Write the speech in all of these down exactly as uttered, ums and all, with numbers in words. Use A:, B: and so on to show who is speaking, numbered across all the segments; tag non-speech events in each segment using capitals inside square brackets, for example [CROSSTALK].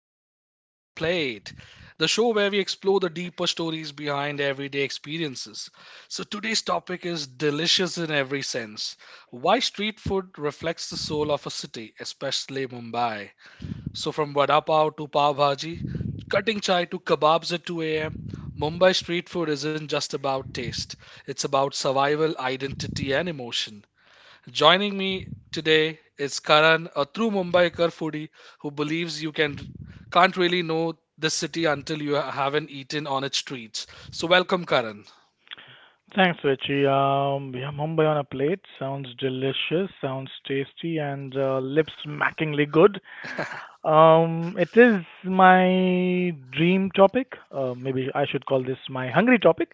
A: Bombay on a Plate, the show where we explore the deeper stories behind everyday experiences. So, today's topic is delicious in every sense, why street food reflects the soul of a city, especially Mumbai. So, from vada pav to pav bhaji, cutting chai to kebabs at two a m, Mumbai street food isn't just about taste, it's about survival, identity, and emotion. Joining me today is Karan, a true Mumbaikar foodie who believes you can can't really know this city until you haven't eaten on its streets. So welcome, Karan.
B: Thanks, Richie. Um, yeah, Mumbai on a plate sounds delicious, sounds tasty, and uh, lip smackingly good. Um, it is my dream topic. Uh, maybe I should call this my hungry topic.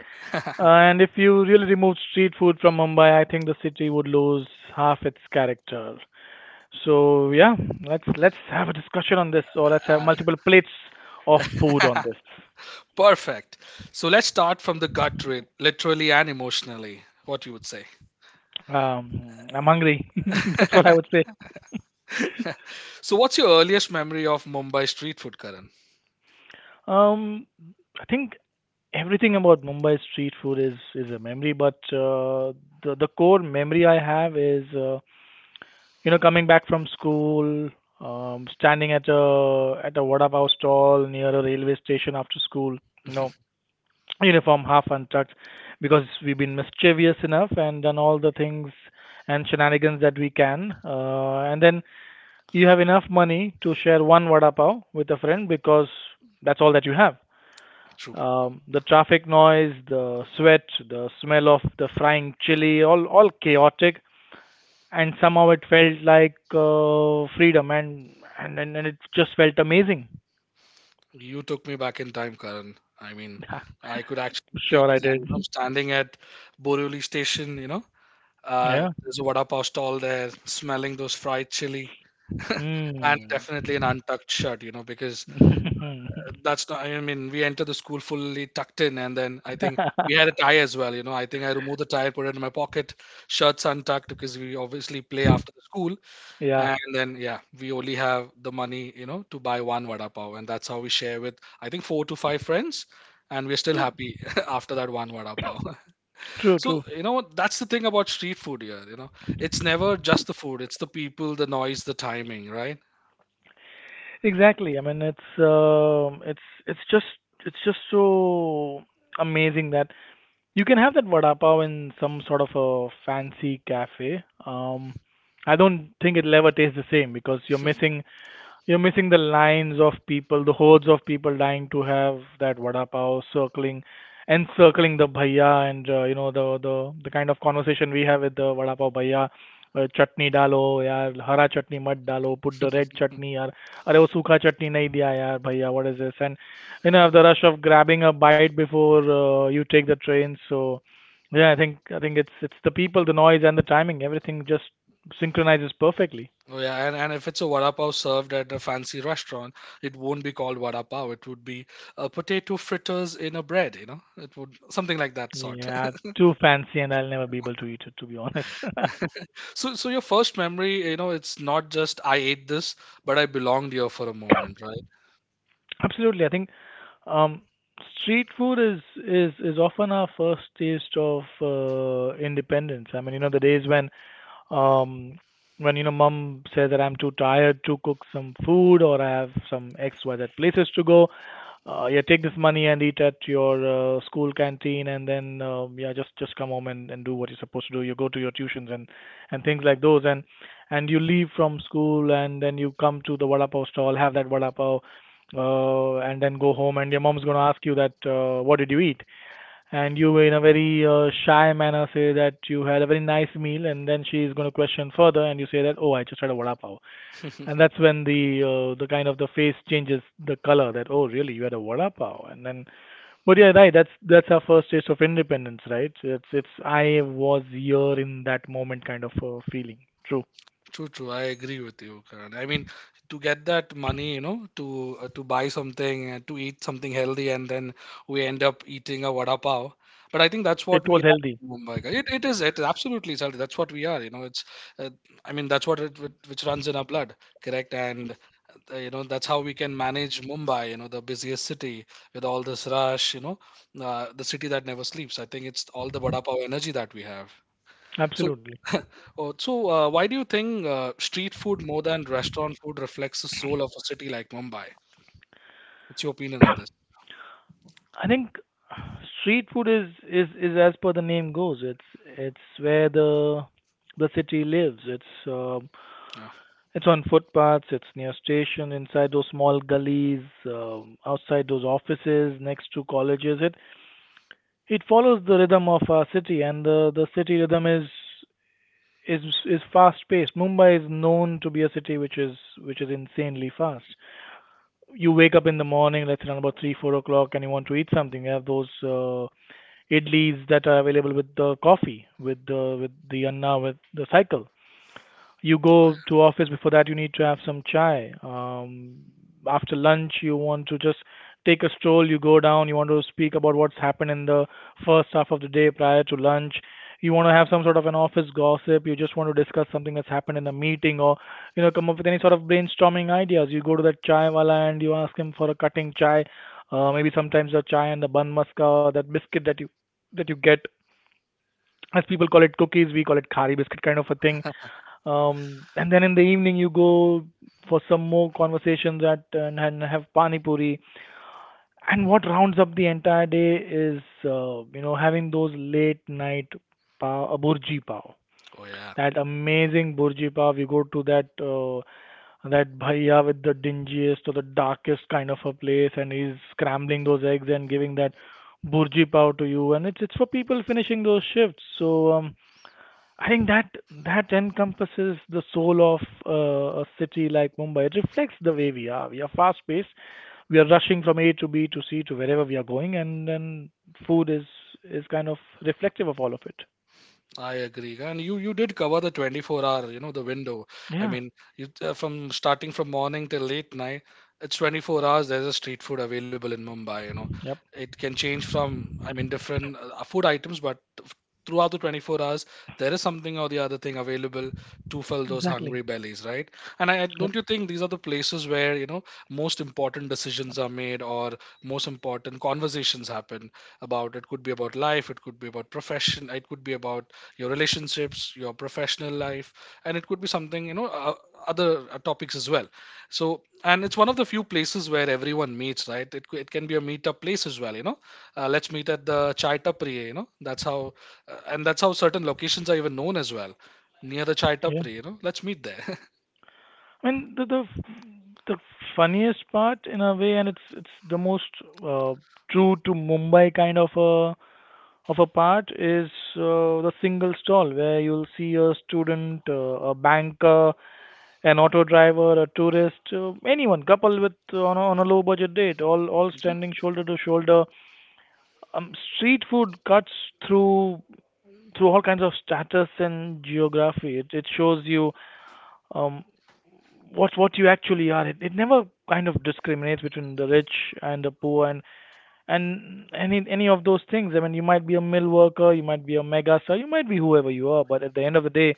B: Uh,
A: [LAUGHS]
B: and if you really removed street food from Mumbai, I think the city would lose half its character. So yeah, let's let's have a discussion on this, or let's have multiple plates of food on this.
A: Perfect. So let's start from the gut, rate, literally and emotionally. What you would say?
B: Um, I'm hungry. [LAUGHS] That's what I
A: [LAUGHS]
B: would say.
A: So what's your earliest memory of Mumbai street food, Karan?
B: Um, I think everything about Mumbai street food is is a memory, but uh, the the core memory I have is uh, you know, coming back from school, um, standing at a at a vada pav stall near a railway station after school. You know,
A: [LAUGHS]
B: uniform half untucked because we've been mischievous enough and done all the things and shenanigans that we can. Uh, and then you have enough money to share one vada pav with a friend because that's all that you have,
A: True.
B: um, the traffic noise, the sweat, the smell of the frying chili, all all chaotic, and somehow it felt like uh, freedom, and, and and it just felt amazing.
A: You took me back in time, Karan. I mean,
B: [LAUGHS]
A: I could actually feel
B: Sure, I
A: that, you know, I'm
B: did.
A: standing at Borivali station, you know. Uh,
B: Yeah.
A: there's a vada pav stall there, smelling those fried chili, and
B: Hmm.
A: definitely an untucked shirt, you know, because
B: [LAUGHS]
A: that's not, I mean, we enter the school fully tucked in, and then I think we had a tie as well, you know. I think I removed the tie, put it in my pocket, shirts untucked because we obviously play after the school,
B: Yeah.
A: and then yeah, we only have the money, you know, to buy one vada pav, and that's how we share with, I think, four to five friends, and we're still
B: Yeah.
A: happy [LAUGHS] after that one vada pav.
B: True.
A: So,
B: True.
A: you know, that's the thing about street food here, you know. It's never just the food, it's the people, the noise, the timing, right?
B: Exactly. I mean, it's um, it's it's just it's just so amazing that you can have that vada pav in some sort of a fancy cafe. Um, I don't think it'll ever taste the same because you're missing you're missing the lines of people, the hordes of people dying to have that vada pav circling, encircling the bhaiya, and uh, you know, the the the kind of conversation we have with the vada pav bhaiya. Uh, चटनी डालो यार हरा चटनी मत डालो, put the red chutney yaar. अरे वो सूखा चटनी nahi दिया yaar, भैया, what is this? And you know, the rush of grabbing a bite before uh, you take the train. So yeah, I think I think it's it's the people, the noise, and the timing. Everything just synchronizes perfectly.
A: Oh yeah, and, and if it's a vada pav served at a fancy restaurant, it won't be called vada pav. It would be a potato fritters in a bread, you know. It would something like that sort.
B: Yeah,
A: [LAUGHS]
B: too fancy, and I'll never be able to eat it, to be honest.
A: So so your first memory, you know, it's not just I ate this, but I belonged here for a moment,
B: [LAUGHS] Absolutely. I think um, street food is is is often our first taste of uh, independence. I mean, you know, the days when um, when you know mom says that I'm too tired to cook some food, or I have some X Y Z places to go. Uh, yeah, take this money and eat at your uh, school canteen, and then uh, yeah, just just come home and, and do what you're supposed to do. You go to your tuitions and and things like those, and and you leave from school, and then you come to the vada pav stall, have that vada pav, uh, and then go home, and your mom's gonna ask you that uh, what did you eat, and you in a very uh, shy manner say that you had a very nice meal, and then she is going to question further, and you say that, oh, I just had a vada pav.
A: right?
B: And
A: [LAUGHS]
B: that's when the uh, the kind of the face changes the color, that oh, really, you had a vada pav? And then, but yeah, right, that's that's our first taste of independence, right? It's it's I was here in that moment kind of uh, feeling. True.
A: True, true. I agree with you, Karan. I mean, to get that money, you know, to uh, to buy something, uh, to eat something healthy, and then we end up eating a vada pav. But I think that's
B: It
A: what we
B: was
A: are
B: healthy.
A: in Mumbai. It, it is it is absolutely salty. That's what we are. You know, it's uh, I mean that's what it whi- which runs in our blood, correct? And uh, you know that's how we can manage Mumbai. You know, the busiest city with all this rush. You know, uh, the city that never sleeps. I think it's all the vada pav energy that we have. So,
B: Absolutely.
A: [LAUGHS] oh, so uh, why do you think uh, street food more than restaurant food reflects the soul of a city like Mumbai? What's your opinion on this?
B: [COUGHS] I think street food is is is as per the name goes. It's it's where the the city lives. It's um
A: Yeah.
B: it's on footpaths. It's near station, inside those small gullies, um, outside those offices, next to colleges. It it follows the rhythm of our city, and the the city rhythm is is is fast paced. Mumbai is known to be a city which is which is insanely fast. You wake up in the morning, let's say around about three four o'clock, and you want to eat something. You have those uh, idlis that are available with the coffee, with the with the anna, with the cycle. You go to office. Before that you need to have some chai. um, after lunch you want to just take a stroll. You go down, you want to speak about what's happened in the first half of the day prior to lunch. You want to have some sort of an office gossip, you just want to discuss something that's happened in a meeting, or you know, come up with any sort of brainstorming ideas. You go to that chai wala and you ask him for a cutting chai, uh, maybe sometimes the chai and the bun maska, or that biscuit that you that you get, as people call it cookies, we call it khari biscuit kind of a thing. um, and then in the evening you go for some more conversations at uh, and, and have pani puri. And what rounds up the entire day is uh, you know, having those late night pav, uh, burji pav.
A: Oh yeah.
B: That amazing burji pav. You go to that uh, that bhaiya with the dingiest or the darkest kind of a place, and he's scrambling those eggs and giving that burji pav to you. And it's it's for people finishing those shifts. So um, I think that that encompasses the soul of uh, a city like Mumbai. It reflects the way we are. We are fast paced. We are rushing from A to B to C to wherever we are going, and then food is is kind of reflective of all of it.
A: I agree, and you you did cover the twenty-four hour, you know, the window. I
B: Yeah.
A: mean, you, uh, from starting from morning till late night, it's twenty-four hours. There's a street food available in Mumbai. You know,
B: Yep.
A: it can change from, I mean, different uh, food items, but f- throughout the twenty-four hours, there is something or the other thing available to fill those
B: Exactly.
A: hungry bellies, right? And I I-
B: Yep.
A: don't you think these are the places where, you know, most important decisions are made, or most important conversations happen, about, it could be about life, it could be about profession, it could be about your relationships, your professional life, and it could be something, you know, uh, other uh, topics as well. So, and it's one of the few places where everyone meets, right? It, c- it can be a meetup place as well, you know. Uh, let's meet at the chai tapri, you know. That's how, uh, and that's how certain locations are even known as well, near the chai
B: Yeah.
A: tapri, you know. Let's meet there. [LAUGHS]
B: I mean, the the, the funniest part in a way, and it's it's the most uh, true to Mumbai kind of a of a part is uh, the single stall where you'll see a student, uh, a banker, an auto driver, a tourist, uh, anyone, couple with uh, on a, on a low budget date, all all standing shoulder to shoulder. Um, street food cuts through through all kinds of status and geography. It it shows you um, what what you actually are. It, it never kind of discriminates between the rich and the poor, and and any any of those things. I mean, you might be a mill worker, you might be a mega star, you might be whoever you are, but at the end of the day,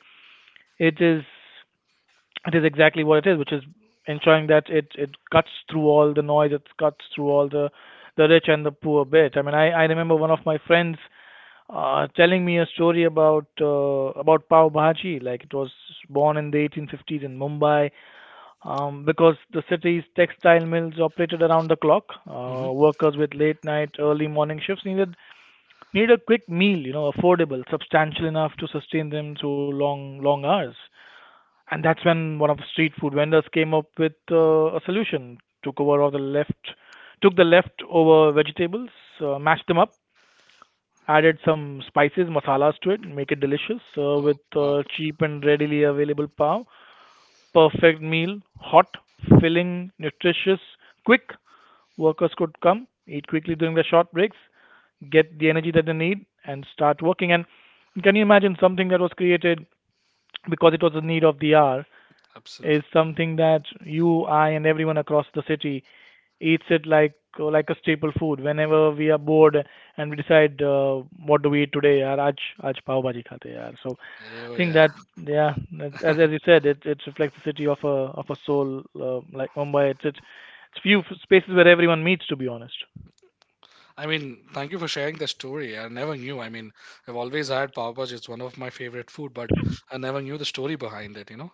B: it is it is exactly what it is, which is ensuring that it, it cuts through all the noise, it cuts through all the, the rich and the poor bit. I mean, I, I remember one of my friends uh, telling me a story about uh, about pav bhaji. Like it was born in the eighteen fifties in Mumbai, um, because the city's textile mills operated around the clock. Uh,
A: Hmm.
B: workers with late night, early morning shifts needed needed a quick meal, you know, affordable, substantial enough to sustain them through long long hours. And that's when one of the street food vendors came up with uh, a solution. Took over all the left, took the leftover vegetables, uh, mashed them up, added some spices, masalas to it, make it delicious uh,
A: Oh
B: with
A: wow.
B: uh, cheap and readily available pav. Perfect meal, hot, filling, nutritious, quick. Workers could come, eat quickly during the short breaks, get the energy that they need, and start working. And can you imagine something that was created because it was the need of the hour
A: Absolutely.
B: is something that you, I, and everyone across the city eats it like like a staple food. Whenever we are bored and we decide uh, what do we eat today, yaar, aaj aaj pav bhaji khate yaar. So I
A: Oh
B: think
A: yeah.
B: that yeah, that's, as as you said, it it reflects the city of a of a soul uh, like Mumbai. It's it's it's few spaces where everyone meets, to be honest.
A: I mean, thank you for sharing the story. I never knew. I mean, I've always had pav bhaji, it's one of my favorite food, but I never knew the story behind it, you know.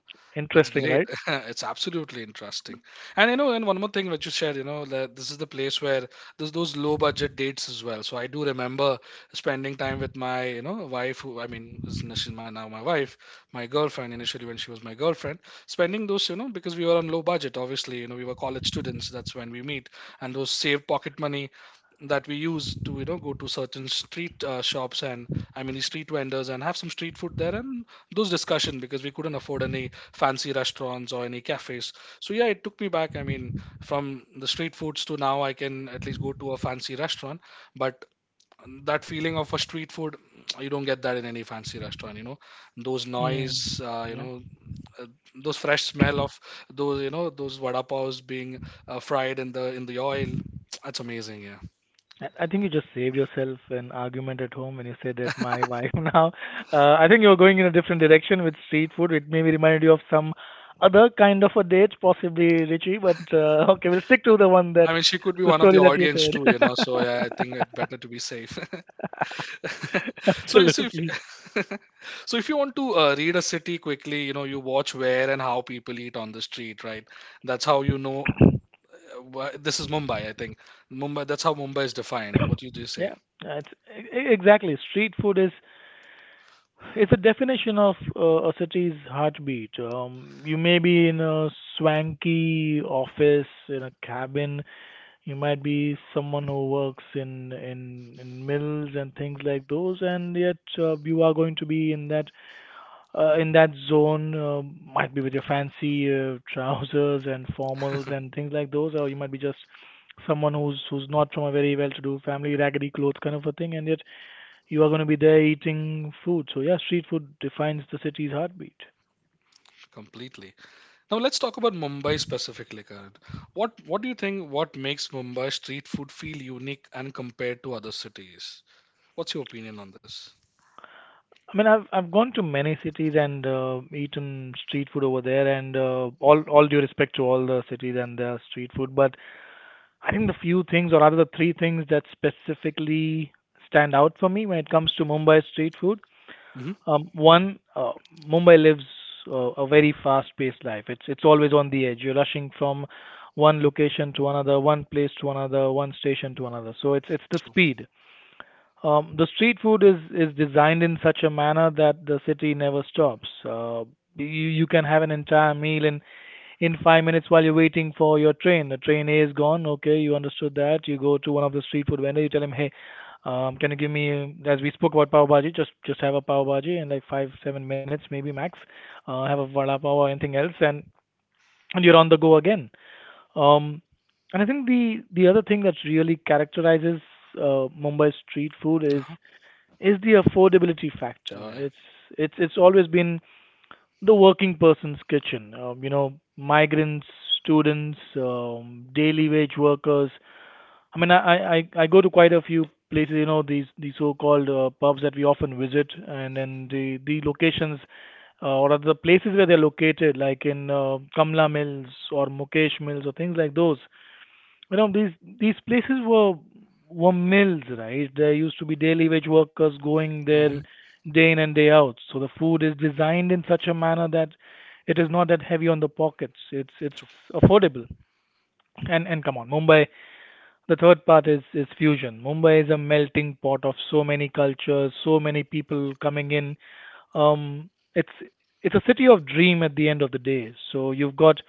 A: That's
B: Interesting, right?
A: great. [LAUGHS] It's absolutely interesting. And you know, and one more thing that you shared, you know, that this is the place where there's those low budget dates as well. So I do remember spending time with my, you know, wife, who, I mean, is n- she's my, now my wife, my girlfriend initially, when she was my girlfriend, spending those, you know, because we were on low budget, obviously, you know, we were college students, that's when we meet. And those saved pocket money that we use to, you know, go to certain street uh, shops, and, I mean, street vendors, and have some street food there, and those discussion because we couldn't afford any fancy restaurants or any cafes. So yeah, it took me back. I mean, from the street foods to now, I can at least go to a fancy restaurant. But that feeling of a street food, [TSK] you don't get that in any fancy restaurant. You know, those
B: Mm.
A: noise, uh, you
B: Yeah.
A: know, uh, those fresh smell of those, you know, those vada paos being uh, fried in the in the oil. [TSK] That's amazing. Yeah.
B: I I think you just saved yourself an argument at home when you said that my wife [LAUGHS] now. Uh, I think you're going in a different direction with street food. It maybe reminded you of some other kind of a date, possibly Richie, but uh, [LAUGHS] okay, we'll stick to the one
A: I
B: that
A: mean, she could be
B: the
A: one of the
B: story that you
A: audience too, you know. So yeah, I think it's
B: said.
A: better to be safe. [LAUGHS]
B: [LAUGHS]
A: [LAUGHS] so, so if
B: Absolutely.
A: [LAUGHS] so if you want to uh, read a city quickly, you know, you watch where and how people eat on the street, right? That's how you know. uh, wha- This is Mumbai, I think. Mumbai. That's how Mumbai is defined. What you do
B: [COUGHS]
A: say?
B: Yeah, that's e- e- exactly. Street food is it's a definition of uh, a city's heartbeat. Um, you may be in a swanky office in a cabin. You might be someone who works in in, in mills and things like those, and yet uh, you are going to be in that uh, in that zone. Uh, might be with your fancy uh, trousers and formals and things like those, or you might be just someone who's who's not from a very well-to-do family, raggedy clothes kind of a thing, and yet you are going to be there eating food. So yeah, street food defines the city's heartbeat.
A: Completely. Now let's talk about Mumbai specifically, Karan. What What do you think? What makes Mumbai street food feel unique and compared to other cities? What's your opinion on this?
B: I mean, I've I've gone to many cities and uh, eaten street food over there, and uh, all all due respect to all the cities and their street food, but I think the few things, or rather the three things that specifically stand out for me when it comes to Mumbai street food.
A: Mm-hmm.
B: Um, one, uh, Mumbai lives uh, a very fast-paced life. It's it's always on the edge. You're rushing from one location to another, one place to another, one station to another. So it's it's the
A: So,
B: speed. Um, the street food is is designed in such a manner that the city never stops. Uh, you you can have an entire meal in in five minutes while you're waiting for your train. The train A is gone. Okay, you understood that. You go to one of the street food vendors. You tell him, hey, um, can you give me? As we spoke about pav bhaji, just just have a pav bhaji in like five seven minutes maybe max. Uh, have a vada pav or anything else, and and you're on the go again. Um, and I think the the other thing that really characterizes uh, Mumbai street food is
A: uh-huh.
B: is the affordability
A: Oh
B: factor.
A: yeah.
B: It's it's it's always been the working person's kitchen. Um, you know, migrants, students, um, daily wage workers. I mean, I, I I I go to quite a few places. You know, these these so-called uh, pubs that we often visit, and then the the locations. Uh, or other places where they're located, like in uh, Kamla Mills or Mukesh Mills or things like those, you know these these places were were mills, right? There used to be daily wage workers going
A: Mm-hmm.
B: there day in and day out. So the food is designed in such a manner that it is not that heavy on the pockets. It's it's
A: So,
B: affordable, and and come on, Mumbai, the third part is, is fusion. Mumbai is a melting pot of so many cultures, so many people coming in. Um, it's it's a city of dream at the end of the day. So you've got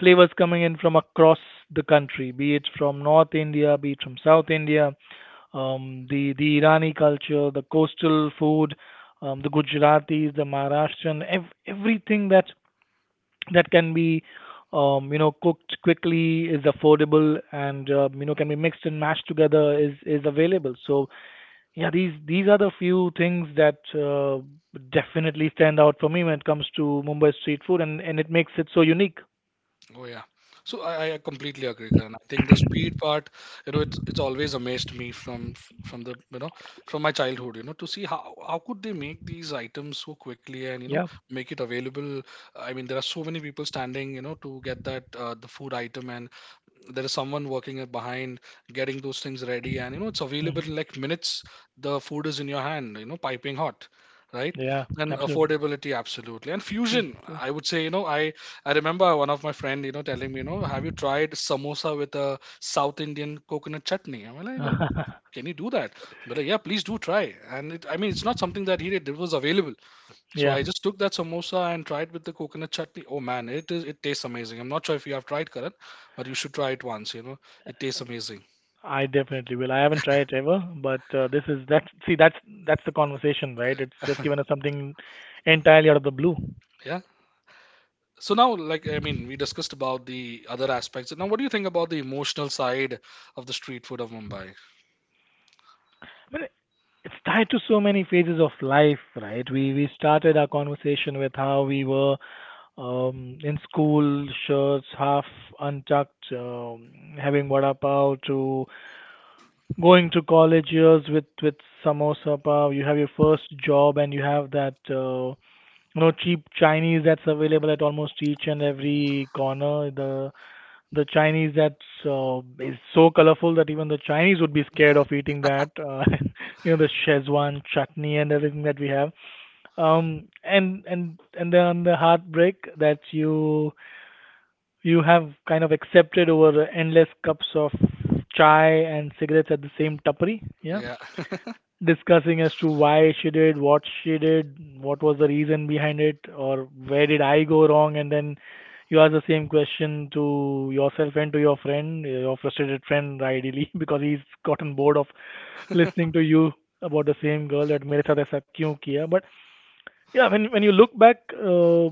B: flavors coming in from across the country, be it from North India, be it from South India, um, the the Irani culture, the coastal food, um, the Gujaratis, the Maharashtrian, ev- everything that that can be um, you know cooked quickly, is affordable, and uh, you know can be mixed and mashed together, is is available. So yeah, these these are the few things that uh, definitely stand out for me when it comes to Mumbai street food, and and it makes it so unique.
A: oh yeah, so I, I completely agree, Karan. I think the speed part, you know, it's it's always amazed me from from the you know from my childhood, you know, to see how how could they make these items so quickly, and, you know,
B: Yeah.
A: make it available. I mean, there are so many people standing, you know, to get that uh, the food item, and there is someone working it behind, getting those things ready, and you know it's available
B: Mm.
A: in like minutes, the food is in your hand, you know, piping hot, right?
B: Yeah,
A: And
B: absolutely.
A: affordability, absolutely, and
B: True,
A: fusion,
B: true.
A: I would say, you know. I i remember one of my friend, you know, telling me, you know, have you tried samosa with a South Indian coconut chutney? I'm like, oh,
B: [LAUGHS]
A: can you do that? But like, yeah, please do try. And it I mean it's not something that he did, it was available. So
B: Yeah,
A: I just took that samosa and tried with the coconut chutney. Oh man, it is, it tastes amazing. I'm not sure if you have tried, Karan, but you should try it once, you know. It tastes amazing.
B: I definitely will. I haven't tried it ever, but uh, this is that, see that's that's the conversation, right? It's just given us something entirely out of the blue.
A: Yeah. So now, like, I mean, we discussed about the other aspects. Now what do you think about the emotional side of the street food of Mumbai?
B: It's tied to so many phases of life, right? We we started our conversation with how we were um, in school, shirts half untucked, um, having vada pav, to going to college years with with samosa pav. You have your first job, and you have that uh, you know cheap Chinese that's available at almost each and every corner. The the Chinese that uh, is so colorful that even the Chinese would be scared of eating that. Uh, [LAUGHS] you know the Szechuan chutney and everything that we have. Um, and and and then the heartbreak that you you have kind of accepted over endless cups of chai and cigarettes at the same tapri. Yeah,
A: Yeah. [LAUGHS]
B: discussing as to why she did what she did, what was the reason behind it, or where did I go wrong, and then you ask the same question to yourself and to your friend, your frustrated friend ideally, [LAUGHS] because he's gotten bored of listening to you about the same girl, that mere sath aisa kyun kiya. But yeah, when when you look back, uh,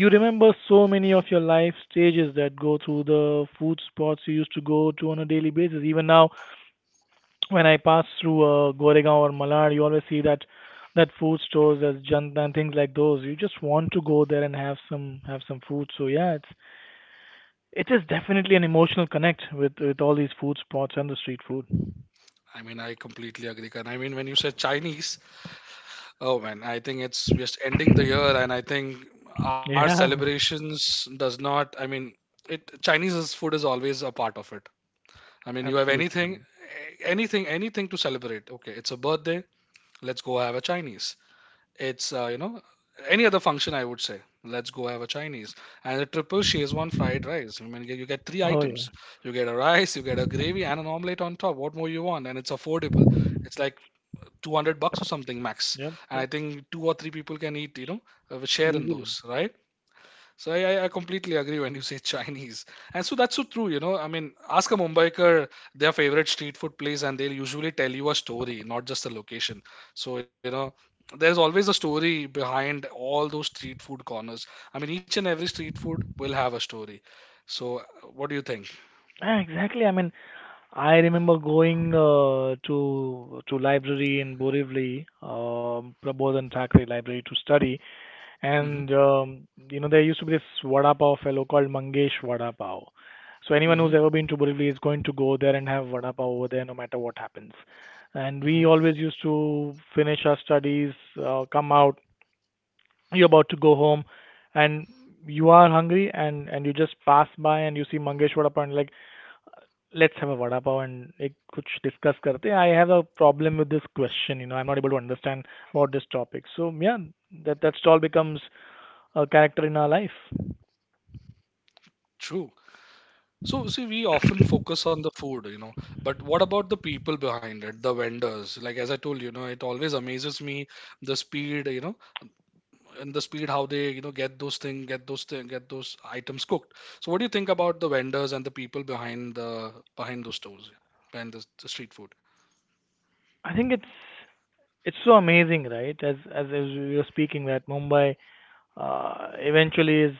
B: you remember so many of your life stages that go through the food spots you used to go to on a daily basis. Even now when I pass through uh, Goregaon or Malad, you always see that that food stores, there's Janta and things like those. You just want to go there and have some have some food. So yeah, it's it is definitely an emotional connect with with all these food spots and the street food. [LAUGHS]
A: I mean, I completely agree. And I mean, when you said Chinese, oh man, I think it's we're just ending the year, and I think our
B: Yeah,
A: celebrations does not. I mean, it Chinese is- food is always a part of it. I mean, you have
B: absolutely,
A: anything,
B: man.
A: anything, anything to celebrate. Okay, it's a birthday. Let's go have a Chinese. It's uh, you know Any other function, I would say. Let's go have a Chinese. And the triple Szechuan fried rice. I mean, you get three
B: Oh yeah.
A: items. You get a rice, you get a gravy, and an omelette on top. What more you want? And it's affordable. It's like two hundred bucks or something max.
B: Yep,
A: And
B: yep,
A: I think two or three people can eat. You know, uh, share in
B: easily.
A: those, right? So I, I I completely agree when you say Chinese. And so that's so true, you know. I mean, ask a Mumbiker their favorite street food place, and they'll usually tell you a story, not just a location. So, you know, there's always a story behind all those street food corners. I mean, each and every street food will have a story. So, uh, what do you think?
B: Yeah, exactly. I mean, I remember going uh, to to library in Borivali, um, Prabodhan Thackeray Library to study.
A: Hmm.
B: And um, you know, there used to be this vada pav fellow called Mangesh Vada Pav. So anyone
A: Hmm.
B: who's ever been to Borivali is going to go there and have vada pav over there, no matter what happens. And
A: Hmm.
B: we always used to finish our studies, uh, come out, you're about to go home, and you are hungry, and and you just pass by and you see Mangesh Vada Pav and like, let's have a vada pav and ek kuch discuss karte hain. "I have a problem with this question, you know, I'm not able to understand about this topic." So yeah, that that stall becomes a character in our life.
A: True. So, see, we often focus on the food, you know, but what about the people behind it, the vendors? Like, as I told you, you know, it always amazes me the speed, you know, and the speed, how they, you know, get those thing get those thing, get those items cooked. So what do you think about the vendors and the people behind the behind those stores, yeah, behind the, the street food?
B: I think it's it's so amazing, right? As as, as we were speaking, that Mumbai uh, eventually is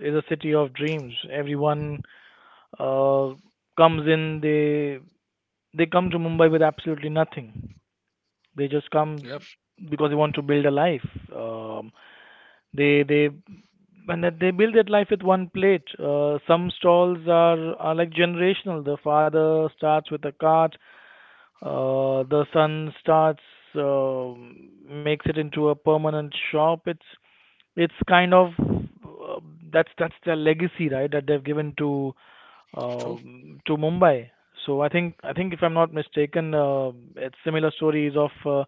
B: is a city of dreams. Everyone uh, comes in, they they come to Mumbai with absolutely nothing. They just come
A: Yep,
B: because they want to build a life. Um, they they and that they build that life with one plate. Uh, some stalls are, are like generational. The father starts with a cart, Uh, the sun starts uh, makes it into a permanent shop. It's it's kind of uh, that's that's their legacy, right? That they've given to
A: true.
B: um to Mumbai. So I think I think if I'm not mistaken, uh, it's similar stories of uh,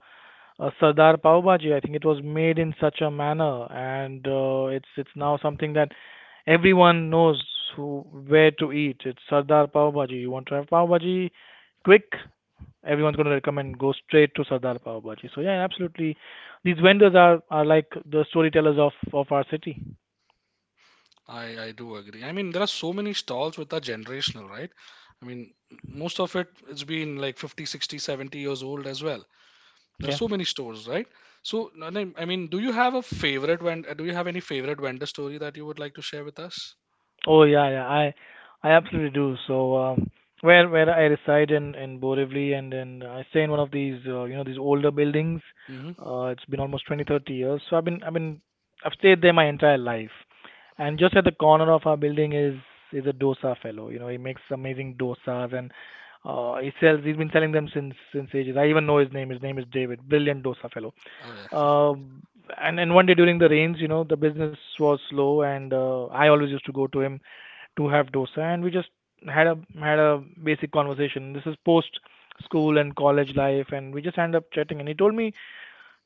B: uh, Sardar Pav Bhaji. I think it was made in such a manner, and uh, it's it's now something that everyone knows who where to eat. It's Sardar Pav Bhaji. You want to have Pav Bhaji quick? Everyone's going to recommend go straight to Sardar Pav Bhaji. So yeah, absolutely. These vendors are, are like the storytellers of, of our city.
A: I I do agree. I mean, there are so many stalls which are generational, right? I mean, most of it it's been like fifty, sixty, seventy years old as well. There
B: Yeah.
A: are so many stores, right? So, Nanim, I mean, do you have a favorite vendor? Do you have any favorite vendor story that you would like to share with us?
B: Oh yeah, yeah. I I absolutely do. So um, where where I reside in in Borivali, and then I stay in one of these uh, you know these older buildings.
A: Hmm.
B: Uh, it's been almost twenty thirty years. So I've been I've been I've stayed there my entire life. And just at the corner of our building is is a dosa fellow. You know, he makes amazing dosas and uh, he sells. He's been selling them since since ages. I even know his name. His name is David. Brilliant dosa fellow.
A: Oh yeah.
B: Um and and one day during the rains, you know, the business was slow, and uh, I always used to go to him to have dosa, and we just had a had a basic conversation. This is post school and college life, and we just ended up chatting. And he told me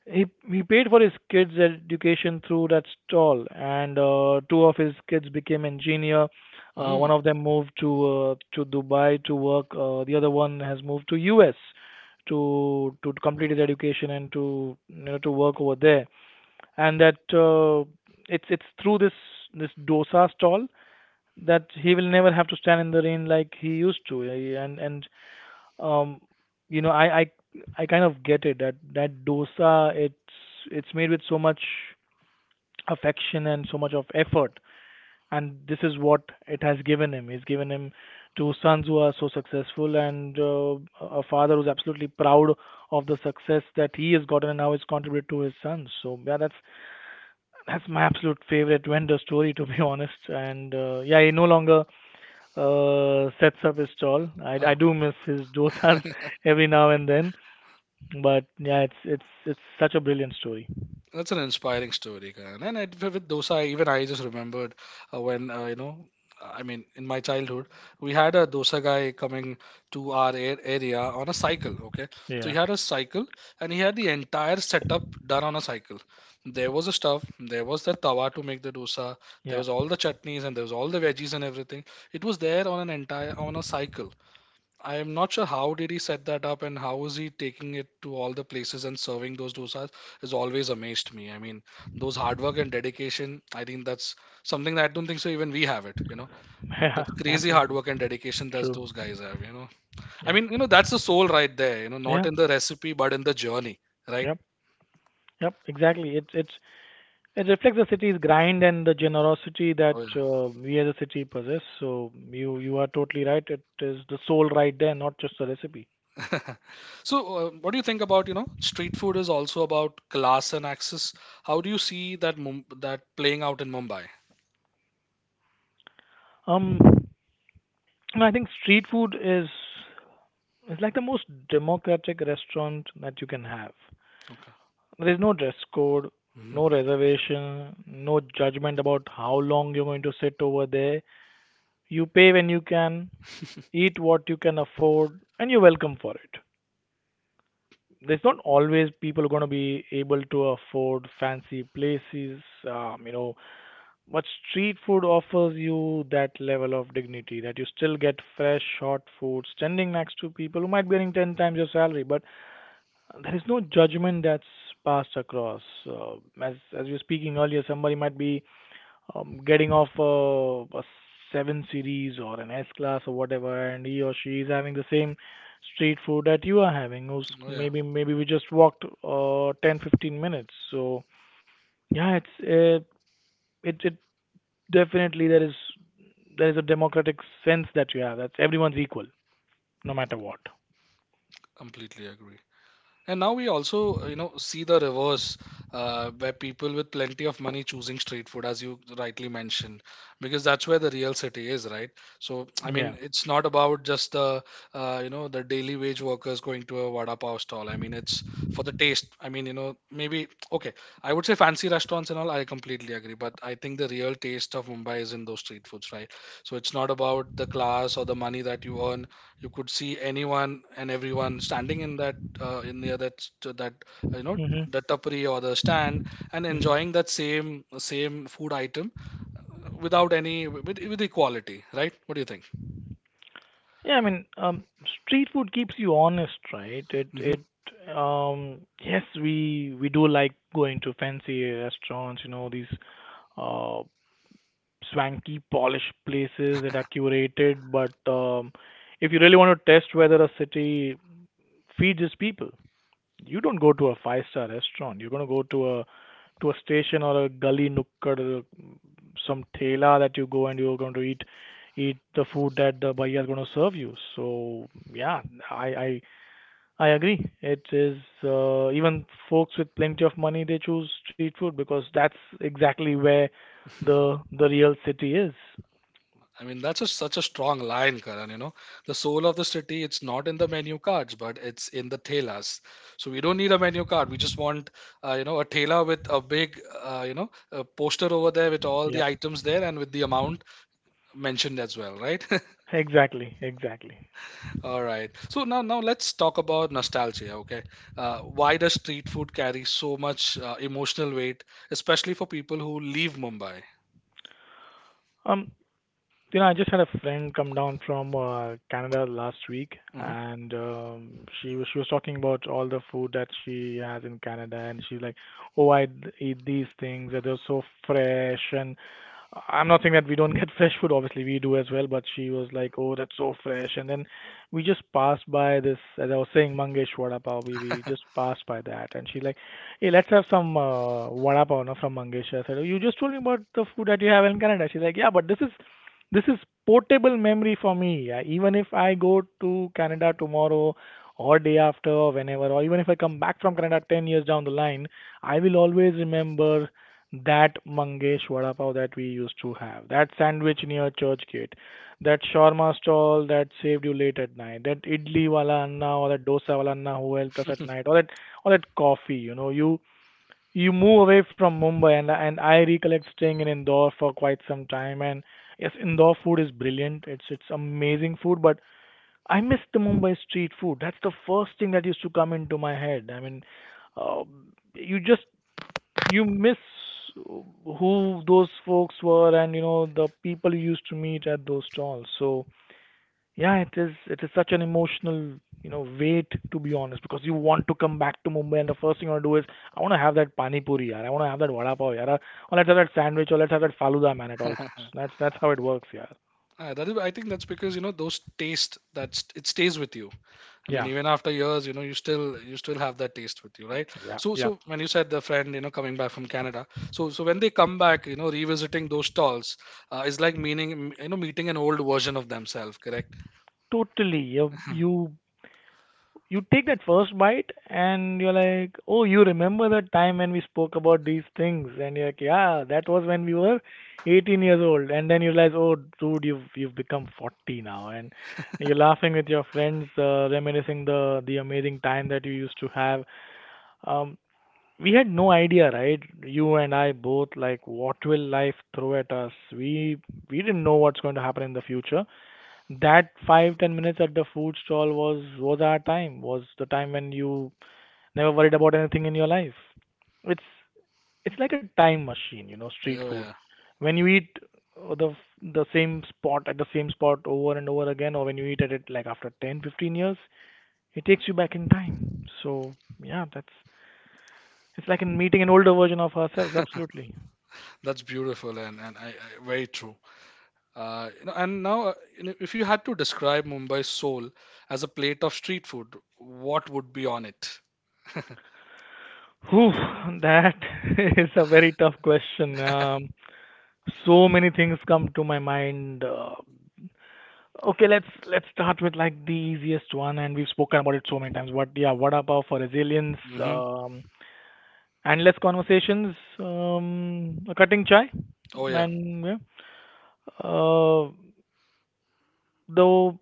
B: he he paid for his kids' education through that stall, and uh, two of his kids became engineer.
A: [LAUGHS]
B: Uh, one
A: Mm.
B: of them moved to uh, to Dubai to work. Uh, the other one has moved to U S to to complete his education and to you know to work over there. And that uh, it's it's through this this dosa stall that he will never have to stand in the rain like he used to. Eh, And and um you know, i i i kind of get it, that that dosa, it's it's made with so much affection and so much of effort, and this is what it has given him. It's given him two sons who are so successful and uh, a father who's absolutely proud of the success that he has gotten, and now he's contributed to his sons. So yeah, that's that's my absolute favorite vendor story to be [LAUGHS] honest. And uh, yeah, he no longer uh, sets up his stall. I i
A: Oh,
B: do miss his dosas [LAUGHS] every now and then. But yeah, it's it's it's such a brilliant story.
A: that's an inspiring story, Karan. And it, with dosa, even I just remembered uh, when uh, you know, I mean, in my childhood, we had a dosa guy coming to our a- area on a cycle. Okay, so he
B: Yeah,
A: had a cycle, and he had the entire setup done on a cycle. There was a stuff, there was the tawa to make the dosa, there
B: yeah,
A: was all the chutneys, and there was all the veggies and everything. It was there on an entire on a cycle. I'm not sure how did he set that up and how is he taking it to all the places, and serving those dosas has always amazed me. I mean, those hard work and dedication, I think that's something that I don't think so even we have it, you know.
B: [LAUGHS] yeah,
A: That's crazy hard
B: absolutely
A: work and dedication that
B: true.
A: those guys have, you know. I
B: Yeah,
A: mean, you know, that's the soul right there, you know, not
B: yeah,
A: in the recipe but in the journey, right?
B: yep, yep, exactly. It it it reflects the city's grind and the generosity that
A: Oh,
B: uh, we as a city possess. So you you are totally right. It is the soul right there, not just the recipe.
A: yeah. [LAUGHS] So, uh, what do you think about, you know, street food is also about class and access. How do you see that Mum- that playing out in Mumbai?
B: Um, and I think street food is is like the most democratic restaurant that you can have.
A: Okay.
B: There's no dress code,
A: Hmm.
B: no reservation, no judgment about how long you're going to sit over there. You pay when you can, eat what you can afford, and you're welcome for it. There's not always people going to be able to afford fancy places, um, you know, but street food offers you that level of dignity that you still get fresh, hot food standing next to people who might be earning ten times your salary, but there is no judgment that's passed across. Uh, as as we were speaking earlier, somebody might be um, getting off a, a seven series or an S class or whatever, and he or she is having the same street food that you are having. Who's
A: Oh yeah.
B: maybe maybe we just walked uh, ten, fifteen minutes. So yeah, it's uh, it it definitely there is there is a democratic sense that you have. That's everyone's equal, no matter what.
A: Completely agree. And now we also, you know, see the reverse, uh, where people with plenty of money choosing street food, as you rightly mentioned, because that's where the real city is, right? So, I mean,
B: Yeah.
A: it's not about just the, uh, you know, the daily wage workers going to a vada pav stall. I mean, it's for the taste. I mean, you know, maybe okay, I would say fancy restaurants and all. I completely agree, but I think the real taste of Mumbai is in those street foods, right? So it's not about the class or the money that you earn. You could see anyone and everyone standing in that uh, in near that st- uh, that, you know,
B: Mm-hmm.
A: the tapri or the stand, and enjoying that same same food item without any with, with equality, right? What do you think?
B: Yeah, I mean, um, street food keeps you honest, right? It
A: Hmm.
B: it um yes, we we do like going to fancy restaurants, you know, these uh swanky polished places that are curated, but um if you really want to test whether a city feeds its people, you don't go to a five-star restaurant. You're gonna go to a to a station or a gully nook or some thela that you go and you're going to eat eat the food that the bhaiya is going to serve you. So yeah, I I I agree. It is uh, even folks with plenty of money they choose street food because that's exactly where the the real city is.
A: I mean that's a, such a strong line, Karan, you know, the soul of the city, it's not in the menu cards but it's in the telas. So we don't need a menu card, we just want uh, you know, a tela with a big uh, you know, a poster over there with all the
B: Yep.
A: items there and with the amount mentioned as well, right? [LAUGHS]
B: Exactly, exactly.
A: All right. So now, now let's talk about nostalgia. Okay, uh, why does street food carry so much uh, emotional weight, especially for people who leave Mumbai?
B: Um, you know, I just had a friend come down from uh, Canada last week,
A: Mhm.
B: and um, she was she was talking about all the food that she has in Canada, and she's like, "Oh, I d- eat these things, and they're so fresh, and I'm not saying that we don't [LAUGHS] get fresh food, obviously we do as well," but she was like, "Oh, that's so fresh." And then we just passed by this, as I was saying, Mangesh Vada Pav. We, we just passed by that, and she like, "Hey, let's have some uh, Vada Pav no, from Mangesh." I said, oh, "You just told me about the food that you have in Canada." She's like, "Yeah, but this is this is portable memory for me. Uh, even if I go to Canada tomorrow, or day after, or whenever, or even if I come back from Canada ten years down the line, I will always remember that Mangesh vada pav that we used to have, that sandwich near church gate, that shawarma stall that saved you late at night, that idli wala anna or that dosa wala anna who helped us at night, or that or that coffee." You know, you you move away from Mumbai, and and I recollect staying in Indore for quite some time. And yes, Indore food is brilliant. It's it's amazing food, but I miss the Mumbai street food. That's the first thing that used to come into my head. I mean, uh, you just you miss who those folks were, and you know the people you used to meet at those stalls. So yeah, it is it is such an emotional, you know, weight, to be honest, because you want to come back to Mumbai, and the first thing you want to do is I want to have that pani puri yaar, I want to have that vada pav yaar, or let's have that sandwich, or let's have that faluda man, at all costs.
A: [LAUGHS]
B: That's that's how it works yaar.
A: Uh, that is, I think that's because you know those taste that's it stays with you. I mean,
B: Yeah,
A: even after years, you know, you still you still have that taste with you, right?
B: yeah,
A: So,
B: yeah.
A: so when you said the friend, you know, coming back from Canada, so so when they come back, you know, revisiting those stalls uh, is like meaning, you know, meeting an old version of themselves, correct?
B: Totally. You you
A: [LAUGHS]
B: you take that first bite and you're like, oh, you remember that time when we spoke about these things, and you're like, yeah, that was when we were eighteen years old, and then you realize, oh, dude, you've you've become forty now, and you're laughing with your friends, uh, reminiscing the the amazing time that you used to have. Um, we had no idea, right? You and I both, like, what will life throw at us? We we didn't know what's going to happen in the future. That five ten minutes at the food stall was was our time, was the time when you never worried about anything in your life. it's it's like a time machine, you know. Street
A: Oh,
B: food,
A: yeah.
B: when you eat uh, the the same spot, at the same spot over and over again, or when you eat at it like after ten fifteen years, it takes you back in time. So yeah, that's it's like in meeting an older version of ourselves, absolutely.
A: That's beautiful and, and I, I, very true. Uh, you know, and now, uh, you know, if you had to describe Mumbai's soul as a plate of street food, what would be on it?
B: Whew, that [LAUGHS] is a very tough question. um So many things come to my mind. Uh, okay, let's let's start with like the easiest one, and we've spoken about it so many times. But yeah, what pav for resilience,
A: Mm-hmm.
B: um, endless conversations, um, a cutting chai,
A: Oh, yeah.
B: and yeah. Uh, though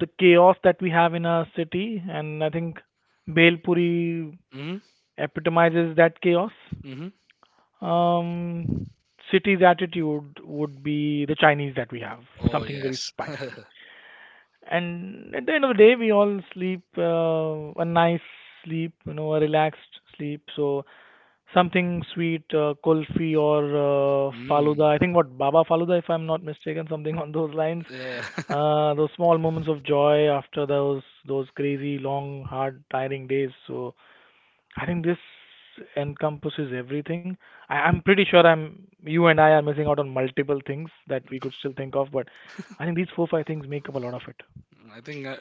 B: the chaos that we have in our city, and I think Bhel Puri
A: Mm-hmm.
B: epitomizes that chaos.
A: Mm-hmm.
B: Um, city's attitude would be the Chinese that we have,
A: Oh,
B: something very
A: yes.
B: spicy. And at the end of the day, we all sleep uh, a nice sleep, you know, a relaxed sleep. So something sweet, uh, kulfi or uh,
A: Mm.
B: faluda. I think what Baba Faluda, if I'm not mistaken, something on those lines.
A: Yeah.
B: Uh, those small moments of joy after those those crazy, long, hard, tiring days. So I think this encompasses everything. I, I'm pretty sure I'm you and I are missing out on multiple things that we could still think of, but I think these four five things make up a lot of it.
A: [LAUGHS] I think uh,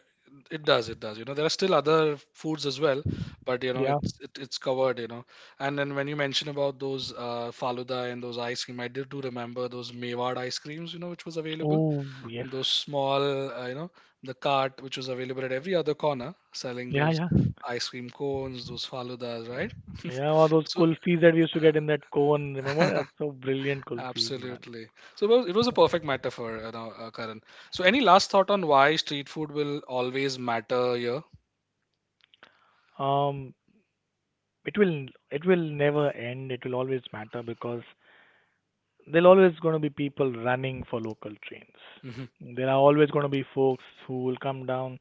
A: it does. It does. You know, there are still other foods as well, but, you know,
B: Yeah.
A: it's it, it's covered, you know. And then when you mention about those uh, Faluda and those ice cream, I did do remember those Mewad ice creams, you know, which was available.
B: Oh yes.
A: Those small, uh, you know, the cart which was available at every other corner selling
B: Yeah,
A: those
B: yeah,
A: ice cream cones, those faludas, right?
B: yeah. All those
A: So,
B: kulfis that we used to get in that cone, remember? That's
A: [LAUGHS]
B: so brilliant kulfis, man.
A: absolutely. So it was, it was a perfect metaphor, you know, uh, Karan. So, any last thought on why street food will always matter here?
B: Um, it will it will never end. It will always matter because there'll always going to be people running for local trains.
A: Hmm.
B: There are always going to be folks who will come down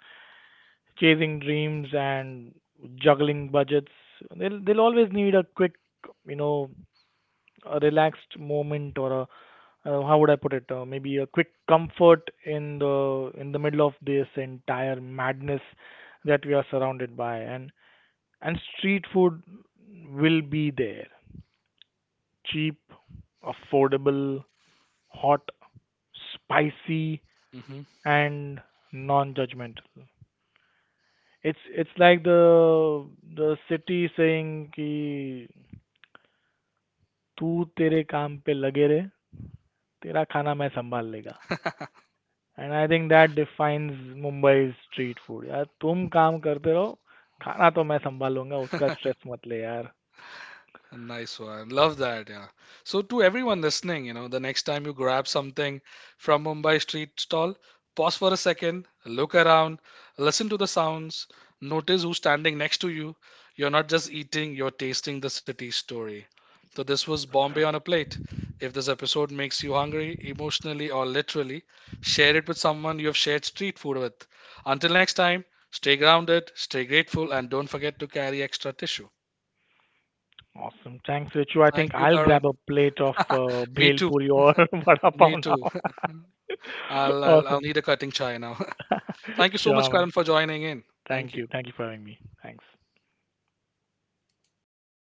B: chasing dreams and juggling budgets. They'll they'll always need a quick, you know, a relaxed moment, or a uh, how would I put it, uh, maybe a quick comfort in the in the middle of this entire madness that we are surrounded by. And and street food will be there: cheap, affordable, hot, spicy,
A: Hmm.
B: and non-judgmental. It's it's like the the city saying कि तू तेरे काम पे लगे रहे, तेरा खाना मैं संभाल लेगा.
A: [LAUGHS]
B: And I think that defines Mumbai street food यार, तुम काम करते रहो, खाना तो मैं संभाल लूंगा, उसका स्ट्रेस मत ले यार.
A: Nice one. Love that. Yeah. So, to everyone listening, you know, the next time you grab something from Mumbai street stall, pause for a second, look around, listen to the sounds, notice who's standing next to you. You're not just eating, you're tasting the city's story. So, this was Bombay on a Plate. If this episode makes you hungry, emotionally or literally, share it with someone you have shared street food with. Until next time, stay grounded, stay grateful, and don't forget to carry extra tissue.
B: Awesome, thanks Richu. I
A: Thank
B: think
A: you,
B: I'll
A: Karan.
B: grab a plate of uh,
A: Me
B: bhel
A: too.
B: puri or [LAUGHS] vada
A: Me
B: pav
A: too.
B: now.
A: [LAUGHS] I'll,
B: [LAUGHS]
A: I'll I'll
B: Awesome.
A: need a cutting chai now. [LAUGHS]
B: [LAUGHS]
A: Thank you so much,
B: Sure man.
A: Karan, for joining in. Thank
B: thank
A: you.
B: you thank you for having me. Thanks.